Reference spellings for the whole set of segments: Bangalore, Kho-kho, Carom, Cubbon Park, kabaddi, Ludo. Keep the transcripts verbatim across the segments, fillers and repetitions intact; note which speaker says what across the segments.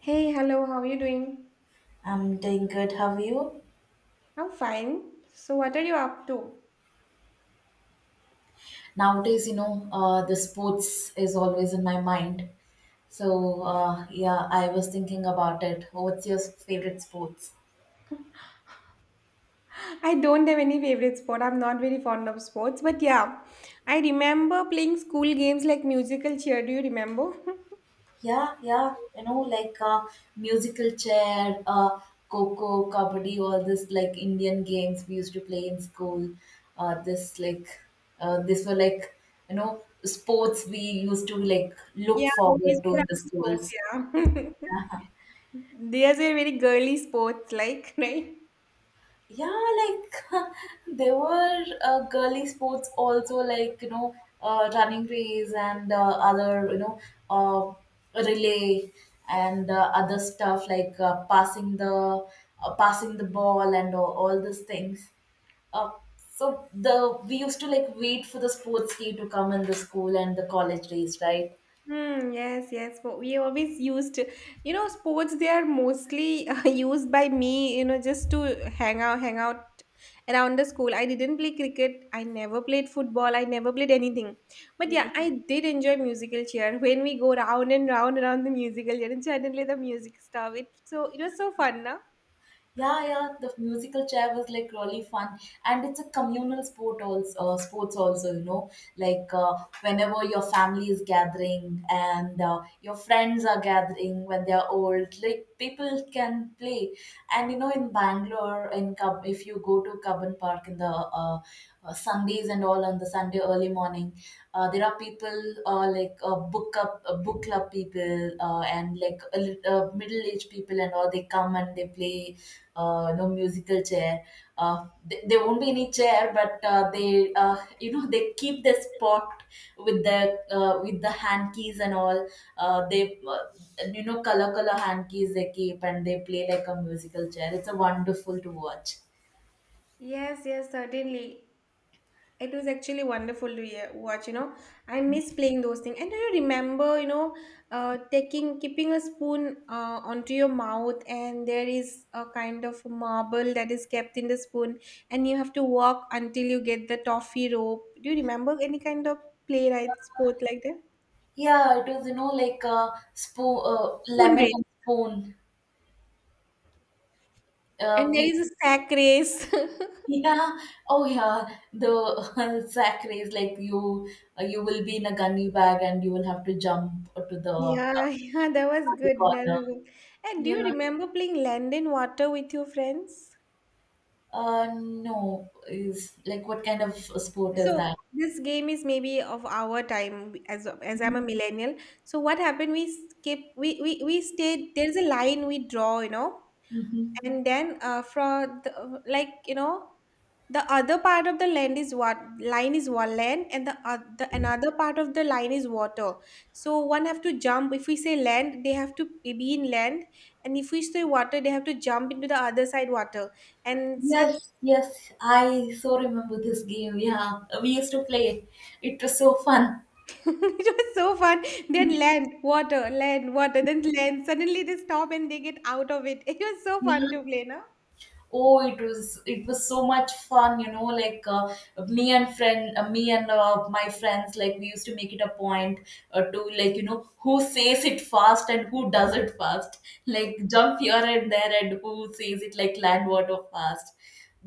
Speaker 1: Hey, hello, how are you doing?
Speaker 2: I'm doing good. How are you?
Speaker 1: I'm fine. So, what are you up to?
Speaker 2: Nowadays, you know, uh, the sports is always in my mind. So, uh, yeah, I was thinking about it. What's your favorite sports?
Speaker 1: I don't have any favorite sport. I'm not very fond of sports, but yeah, I remember playing school games like musical cheer. Do you remember?
Speaker 2: Yeah, yeah, you know, like uh, musical chair, uh, coco, kabaddi, all this like Indian games we used to play in school. Uh, this like, uh, this were like, you know, sports we used to like
Speaker 1: Yeah,
Speaker 2: look
Speaker 1: these
Speaker 2: forward to
Speaker 1: were
Speaker 2: in the
Speaker 1: our sports,
Speaker 2: schools.
Speaker 1: yeah. These were very girly sports, like, right?
Speaker 2: Yeah, like there were uh, girly sports also, like, you know uh, running race, and uh, other, you know uh, relay, and uh, other stuff like uh, passing the uh, passing the ball, and all, all these things. Uh, so the we used to like wait for the sports day to come in the school and the college days, right?
Speaker 1: Hmm, yes, yes. But we always used, you know, sports. They are mostly uh, used by me, you know, just to hang out, hang out around the school. I didn't play cricket. I never played football. I never played anything. But yeah, I did enjoy musical chair. When we go round and round around the musical chair, and suddenly the music stuff. It so it was so fun, now.
Speaker 2: Yeah, yeah, the musical chair was like really fun, and it's a communal sport also. Uh, sports also, you know, like, uh, whenever your family is gathering and uh, your friends are gathering when they are old, like people can play. And you know, in Bangalore, in Cub, if you go to Cubbon Park in the uh, uh, Sundays and all, on the Sunday early morning, uh, there are people, uh, like, uh, book up uh, book club people, uh, and like, uh, middle aged people and all. They come and they play, uh, no, musical chair. Uh, th- there won't be any chair, but uh, they, uh, you know, they keep their spot with the uh, with the hand keys and all. Uh, they, uh, you know, color color hand keys they keep, and they play like a musical chair. It's a wonderful to watch.
Speaker 1: Yes, yes, certainly. It was actually wonderful to hear, watch, you know. I miss playing those things. And do you remember, you know, uh, taking, keeping a spoon uh, onto your mouth, and there is a kind of marble that is kept in the spoon, and you have to walk until you get the toffee rope. Do you remember any kind of play, right? Sport like that?
Speaker 2: Yeah, it was you know like a spoon, uh,
Speaker 1: Spoon
Speaker 2: lemon
Speaker 1: race.
Speaker 2: and spoon. Uh,
Speaker 1: And there
Speaker 2: we
Speaker 1: is a sack race.
Speaker 2: Yeah. Oh yeah, the sack race, like you uh, you will be in a gunny bag and you will have to jump to the uh,
Speaker 1: yeah, yeah, that was
Speaker 2: the
Speaker 1: good. That
Speaker 2: corner.
Speaker 1: was good. And do you
Speaker 2: Yeah.
Speaker 1: remember playing land and water with your friends?
Speaker 2: Uh, no. Is like what kind of a sport is
Speaker 1: So
Speaker 2: that?
Speaker 1: this game is maybe of our time as as I'm a
Speaker 2: Mhm.
Speaker 1: millennial. So what happened? We skip. We we we stayed. There's a line we draw, you know,
Speaker 2: Mhm.
Speaker 1: and then uh, from the, like you know, the other part of the land is what line is one land, and the other another part of the line is water. So one have to jump. If we say land, they have to be in land, and if we say water, they have to jump into the other side water. And such.
Speaker 2: Yes, yes, I so remember this game. Yeah, we used to play it. It was so fun.
Speaker 1: It was so fun. Then land, water, land, water, then land. Suddenly they stop and they get out of it. It was so fun
Speaker 2: Yeah.
Speaker 1: to play, no?
Speaker 2: Oh, it was it was so much fun, you know. Like, uh, me and friend, uh, me and uh, my friends, like we used to make it a point, uh, to like you know who says it fast and who does it fast. Like jump here and there, and who says it like land water fast.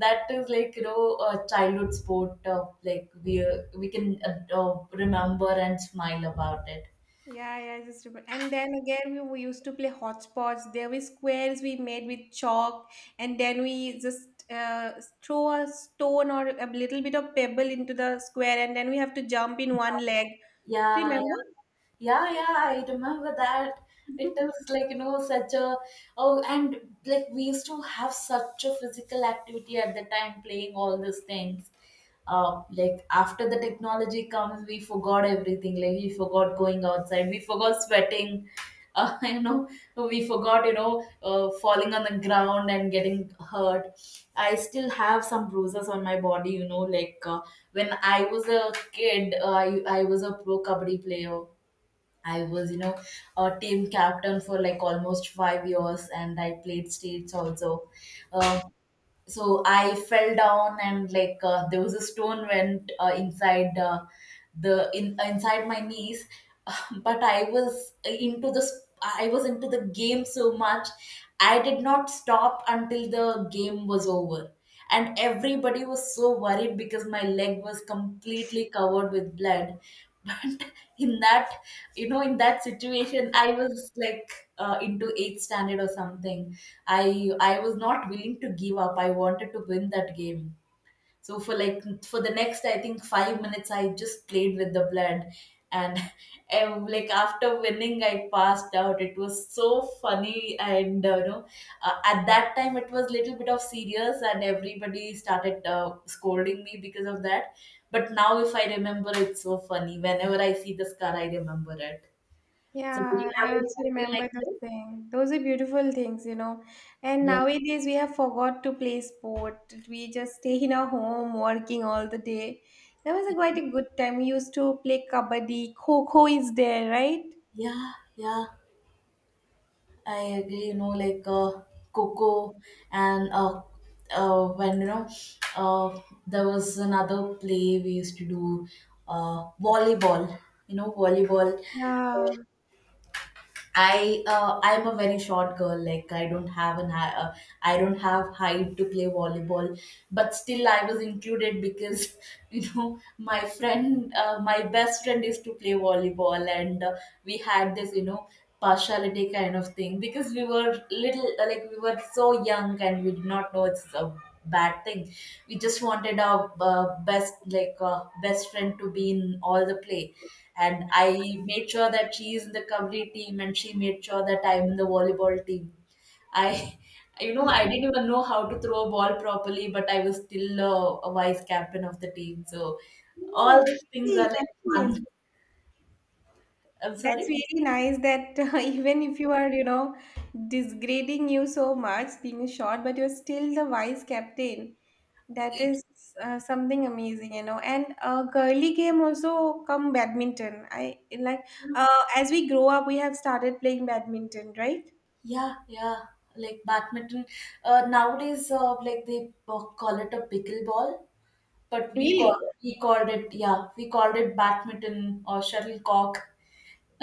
Speaker 2: That is like, you know a childhood sport. Uh, like, we uh, we can uh, uh, remember and smile about it.
Speaker 1: Yeah, yeah, I just remember. And then again, we, we used to play hotspots. There were squares we made with chalk, and then we just uh, throw a stone or a little bit of pebble into the square, and then we have to jump in one leg. Do you
Speaker 2: Yeah, yeah.
Speaker 1: remember?
Speaker 2: Yeah, yeah, I remember that. It was like, you know, such a, oh, and like we used to have such a physical activity at the time playing all these things. Uh, like after the technology comes, we forgot everything. Like we forgot going outside, we forgot sweating, uh, you know, we forgot, you know, uh, falling on the ground and getting hurt. I still have some bruises on my body, you know, like uh, when I was a kid, uh, I, I was a pro kabaddi player. I was, you know, a team captain for like almost five years, and I played states also. Um so I fell down, and like uh, there was a stone went, uh, inside, uh, the in uh, inside my knees. But I was into the sp- I was into the game so much, I did not stop until the game was over, and everybody was so worried because my leg was completely covered with blood. But in that you know in that situation I was like, uh, into eighth standard or something. I I was not willing to give up. I wanted to win that game. So for like for the next, I think, five minutes I just played with the blood, and um, like after winning I passed out. It was so funny, and uh, you know uh, at that time it was little bit of serious, and everybody started uh, scolding me because of that. But now if I remember, it's so funny. Whenever I see the scar, I remember it. So do
Speaker 1: Yeah,
Speaker 2: you have
Speaker 1: I
Speaker 2: any
Speaker 1: also
Speaker 2: memory
Speaker 1: remember
Speaker 2: like
Speaker 1: those
Speaker 2: this?
Speaker 1: things. Those are beautiful things, you know. And
Speaker 2: Yeah.
Speaker 1: nowadays we have forgot to play sport. We just stay in our home working all the day. That was a quite a good time. We used to play kabaddi. Kho-kho is there, right?
Speaker 2: Yeah, yeah. I agree, you know, like uh, Coco, and uh, uh, when, you know, uh, there was another play we used to do, uh, volleyball. You know, volleyball.
Speaker 1: Yeah.
Speaker 2: I uh, I'm a very short girl. Like I don't have an high, uh, I don't have height to play volleyball, but still I was included because you know my friend, uh, my best friend is to play volleyball, and uh, we had this, you know partiality kind of thing, because we were little, uh, like, we were so young and we did not know it's a bad thing. We just wanted our uh, best like uh, best friend to be in all the play, and I made sure that she is in the Kabaddi team, and she made sure that I'm in the volleyball team. I, you know, I didn't even know how to throw a ball properly, but I was still, uh, a vice captain of the team. So
Speaker 1: No,
Speaker 2: all these things are
Speaker 1: really,
Speaker 2: like
Speaker 1: nice.
Speaker 2: fun. I'm
Speaker 1: That's
Speaker 2: sorry.
Speaker 1: really nice that even if you are, you know, degrading you so much, being short, but you're still the vice captain. That is uh, something amazing, you know. And uh, girly game also come badminton. I like uh, as we grow up, we have started playing badminton, right?
Speaker 2: Yeah, yeah. Like badminton. Uh, nowadays, uh, like, they uh, call it a pickleball, but we call
Speaker 1: Really?
Speaker 2: we called it, yeah, we called it badminton or shuttlecock.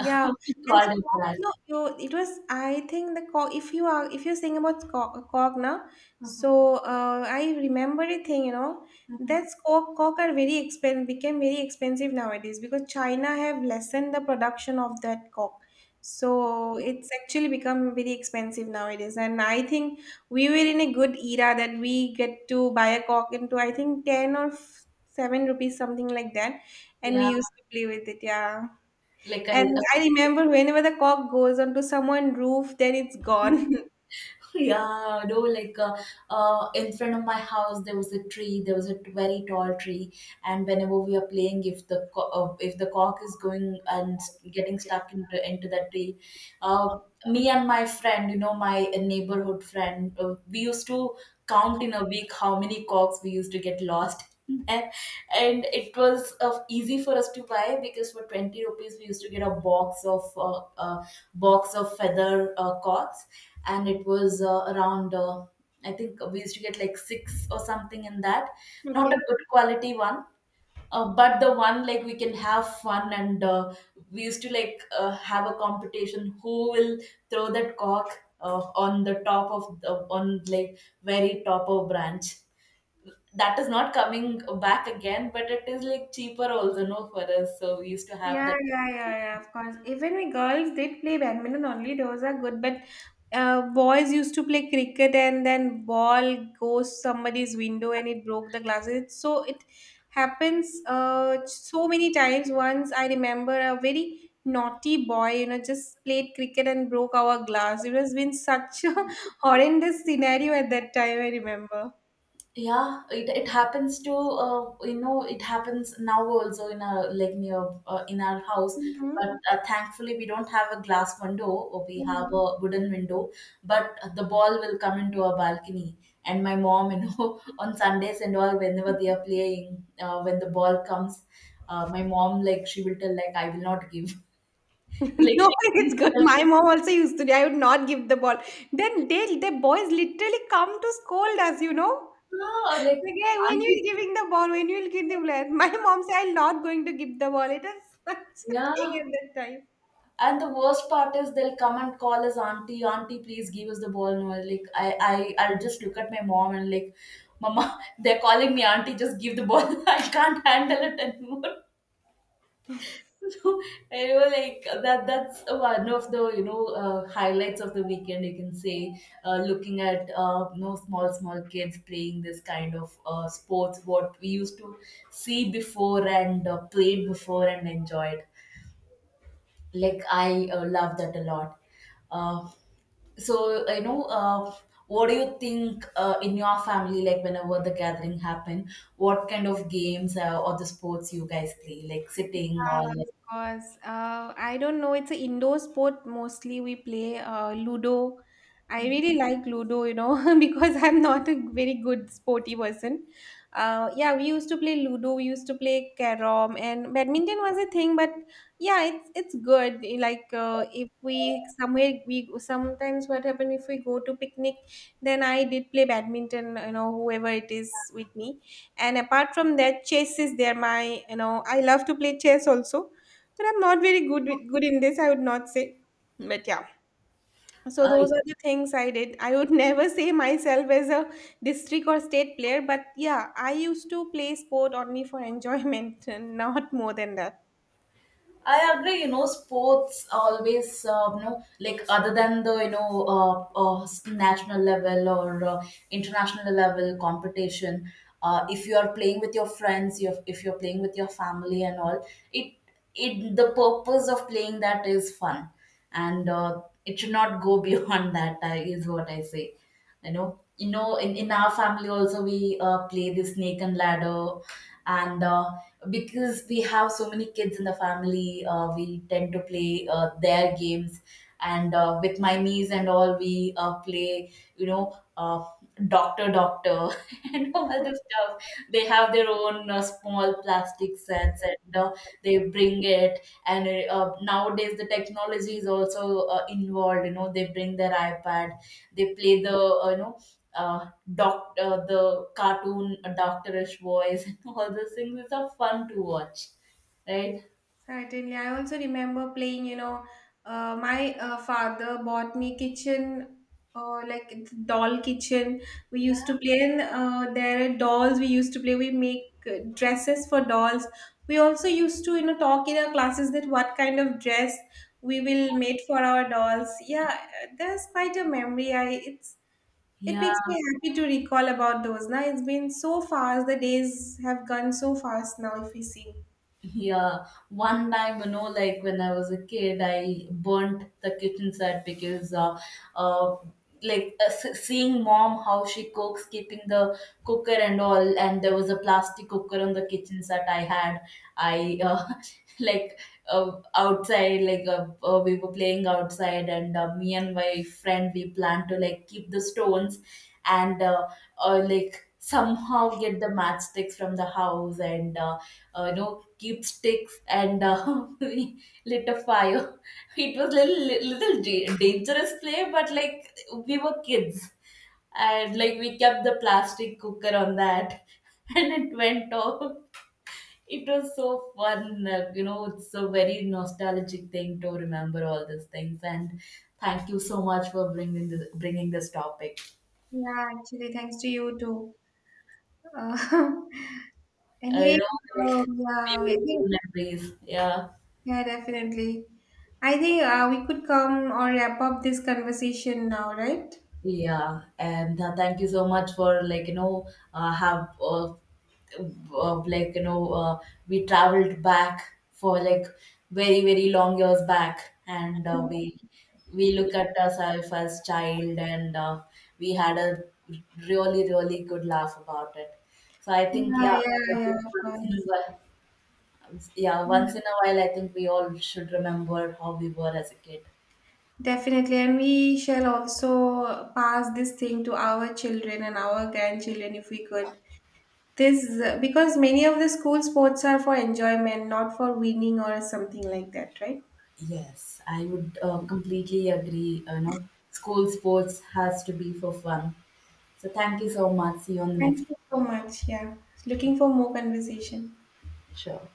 Speaker 2: We
Speaker 1: and the
Speaker 2: called
Speaker 1: cock,
Speaker 2: it
Speaker 1: you know, you it was I think the cock. If you are if you're saying about cock, cock now,
Speaker 2: that.
Speaker 1: so uh, I remember a thing. You know,
Speaker 2: Mhm.
Speaker 1: that's cock. Cock are very expensive. Became very expensive nowadays because China have lessened the production of that cock. So it's actually become very expensive nowadays. And I think we were in a good era that we get to buy a cock into I think ten or f- seven rupees something like that, and we
Speaker 2: Yeah,
Speaker 1: used to play with it. Yeah.
Speaker 2: like I,
Speaker 1: And
Speaker 2: uh,
Speaker 1: I remember whenever the cock goes onto someone's roof, then it's gone.
Speaker 2: yeah, no, like uh, uh, in front of my house there was a tree. There was a t- very tall tree, and whenever we are playing, if the co- uh, if the cock is going and s- getting stuck into into that tree, uh, me and my friend, you know, my neighborhood friend, uh, we used to count in a week how many cocks we used to get lost there. And it was uh, easy for us to buy, because for twenty rupees we used to get a box of uh, uh, box of feather, uh, cocks, and it was uh, around, uh, I think we used to get like six or something in that. Not a
Speaker 1: Okay.
Speaker 2: good quality one, uh, but the one like we can have fun, and uh, we used to like, uh, have a competition who will throw that cork, uh, on the top of the, on like very top of branch, that is not coming back again, but it is like cheaper also, no, for us, so we used to have
Speaker 1: Yeah,
Speaker 2: that.
Speaker 1: yeah, yeah, yeah, of course. Even we girls did play badminton only, those are good, but uh, boys used to play cricket and then ball goes somebody's window and it broke the glasses. It's so it happens uh, so many times. Once I remember a very naughty boy, you know, just played cricket and broke our glass. It has been such a horrendous scenario at that time, I remember.
Speaker 2: Yeah, it, it happens to uh, you know it happens now also, in our like near uh, in our house,
Speaker 1: Hmm.
Speaker 2: but uh, thankfully we don't have a glass window, or we have
Speaker 1: No,
Speaker 2: a wooden window. But uh, the ball will come into our balcony, and my mom, you know, on Sundays and all, whenever they are playing, uh, when the ball comes, uh, my mom, like, she will tell like, I will not give. Like
Speaker 1: no,
Speaker 2: she,
Speaker 1: it's good. My
Speaker 2: she
Speaker 1: mom also used to. I would not give the ball. Then they, the boys literally come to scold us, you know.
Speaker 2: ah, like,
Speaker 1: Like, "Hey, when
Speaker 2: auntie,
Speaker 1: you giving the ball, when you will give the ball. My mom said, I'm not going to give the ball. It is such a thing
Speaker 2: yeah.
Speaker 1: at that time.
Speaker 2: And the worst part is, they'll come and call us, auntie, auntie, please give us the ball. And we like I, I, I'll just look at my mom and like, Mama, they're calling me auntie, just give the ball. I can't handle it anymore. So I know, like, that that's one of the, you know uh, highlights of the weekend, you can say, uh, looking at, uh, you know small small kids playing this kind of, uh, sports what we used to see before and uh, played before and enjoyed. Like I, uh, love that a lot. Uh, so you know uh, what do you think, uh, in your family, like, whenever the gathering happen, what kind of games, uh, or the sports you guys play, like, sitting
Speaker 1: Yeah,
Speaker 2: or
Speaker 1: of
Speaker 2: like,
Speaker 1: course. Uh, I don't know. It's an indoor sport mostly. We play uh, Ludo. I really like Ludo, you know, because I'm not a very good sporty person. Uh, yeah, we used to play Ludo. We used to play Carom, and badminton was a thing. But yeah, it's it's good. Like uh, if we somewhere we sometimes what happen if we go to picnic, then I did play badminton. You know, whoever it is with me and apart from that chess is there my you know I love to play chess also but I'm not very good with- good in this I would not say but yeah so
Speaker 2: uh,
Speaker 1: those are the things I did I would never say myself as a district or state player but yeah I used to play sport only for enjoyment and not more than that.
Speaker 2: I agree. You know, sports always, um, you know, like, other than the, you know uh, uh, national level or, uh, international level competition. Uh, if you are playing with your friends, you, if you're playing with your family and all, it it the purpose of playing that is fun, and uh, it should not go beyond that. I is what I say. You know, you know, in in our family also we, uh, play the snake and ladder, and uh, because we have so many kids in the family, uh, we tend to play, uh, their games, and uh, with my niece and all we, uh, play, you know, uh, doctor doctor and all this stuff. They have their own, uh, small plastic sets, and uh, they bring it, and uh, nowadays the technology is also uh, involved, you know, they bring their ipad. They play the, uh, you know, uh, doc, uh, the cartoon, uh, doctorish voice, and all those things, it's are fun to watch, right?
Speaker 1: Certainly. I also remember playing, you know, uh, my uh, father bought me kitchen, uh, like it's doll kitchen. We used to play in uh, there are dolls. We used to play. We make uh, dresses for dolls. We also used to, you know, talk in our classes that what kind of dress we will make for our dolls. Yeah, uh, there's quite a memory. I it's it
Speaker 2: Yeah,
Speaker 1: makes me happy to recall about those. Now it's been so fast. The days have gone so fast now. If we see.
Speaker 2: yeah. One time, you know, like when I was a kid, I burnt the kitchen set because, uh, uh like, uh, s- seeing mom how she cooks, keeping the cooker and all, and there was a plastic cooker on the kitchen set I had. I uh, like, uh, outside, like, uh, uh, we were playing outside, and uh, me and my friend we planned to like keep the stones, and uh, uh, like, somehow get the matchsticks from the house, and uh, uh, you know, keep sticks, and uh, we lit a fire. It was little little da- dangerous play, but like, we were kids, and like, we kept the plastic cooker on that, and it went off. It was so fun. uh, You know, it's a very nostalgic thing to remember all these things. And thank you so much for bringing this, bringing this topic.
Speaker 1: Yeah, actually, thanks to you too. Uh,
Speaker 2: Uh,
Speaker 1: anyway,
Speaker 2: You know,
Speaker 1: uh,
Speaker 2: like,
Speaker 1: yeah, I think,
Speaker 2: beautiful memories. Yeah.
Speaker 1: yeah, definitely. I think uh, we could come or wrap up this conversation now, right?
Speaker 2: Yeah, and uh, thank you so much for, like, you know, uh, have uh, uh, like, you know, uh, we traveled back for like very very long years back, and uh, we we look at ourselves as child, and uh, we had a really really good laugh about it. So I think,
Speaker 1: Yeah,
Speaker 2: yeah,
Speaker 1: yeah, yeah, of
Speaker 2: once in a
Speaker 1: course.
Speaker 2: while, yeah,
Speaker 1: Yeah.
Speaker 2: once in a while, I think we all should remember how we were as a kid.
Speaker 1: Definitely. And we shall also pass this thing to our children and our grandchildren if we could. This, because many of the school sports are for enjoyment, not for winning or something like that, right?
Speaker 2: Yes, I would, uh, completely agree. You know, school sports has to be for fun. So thank you so much. See you on the next
Speaker 1: Thank you so much. Yeah. Looking for more conversation.
Speaker 2: show.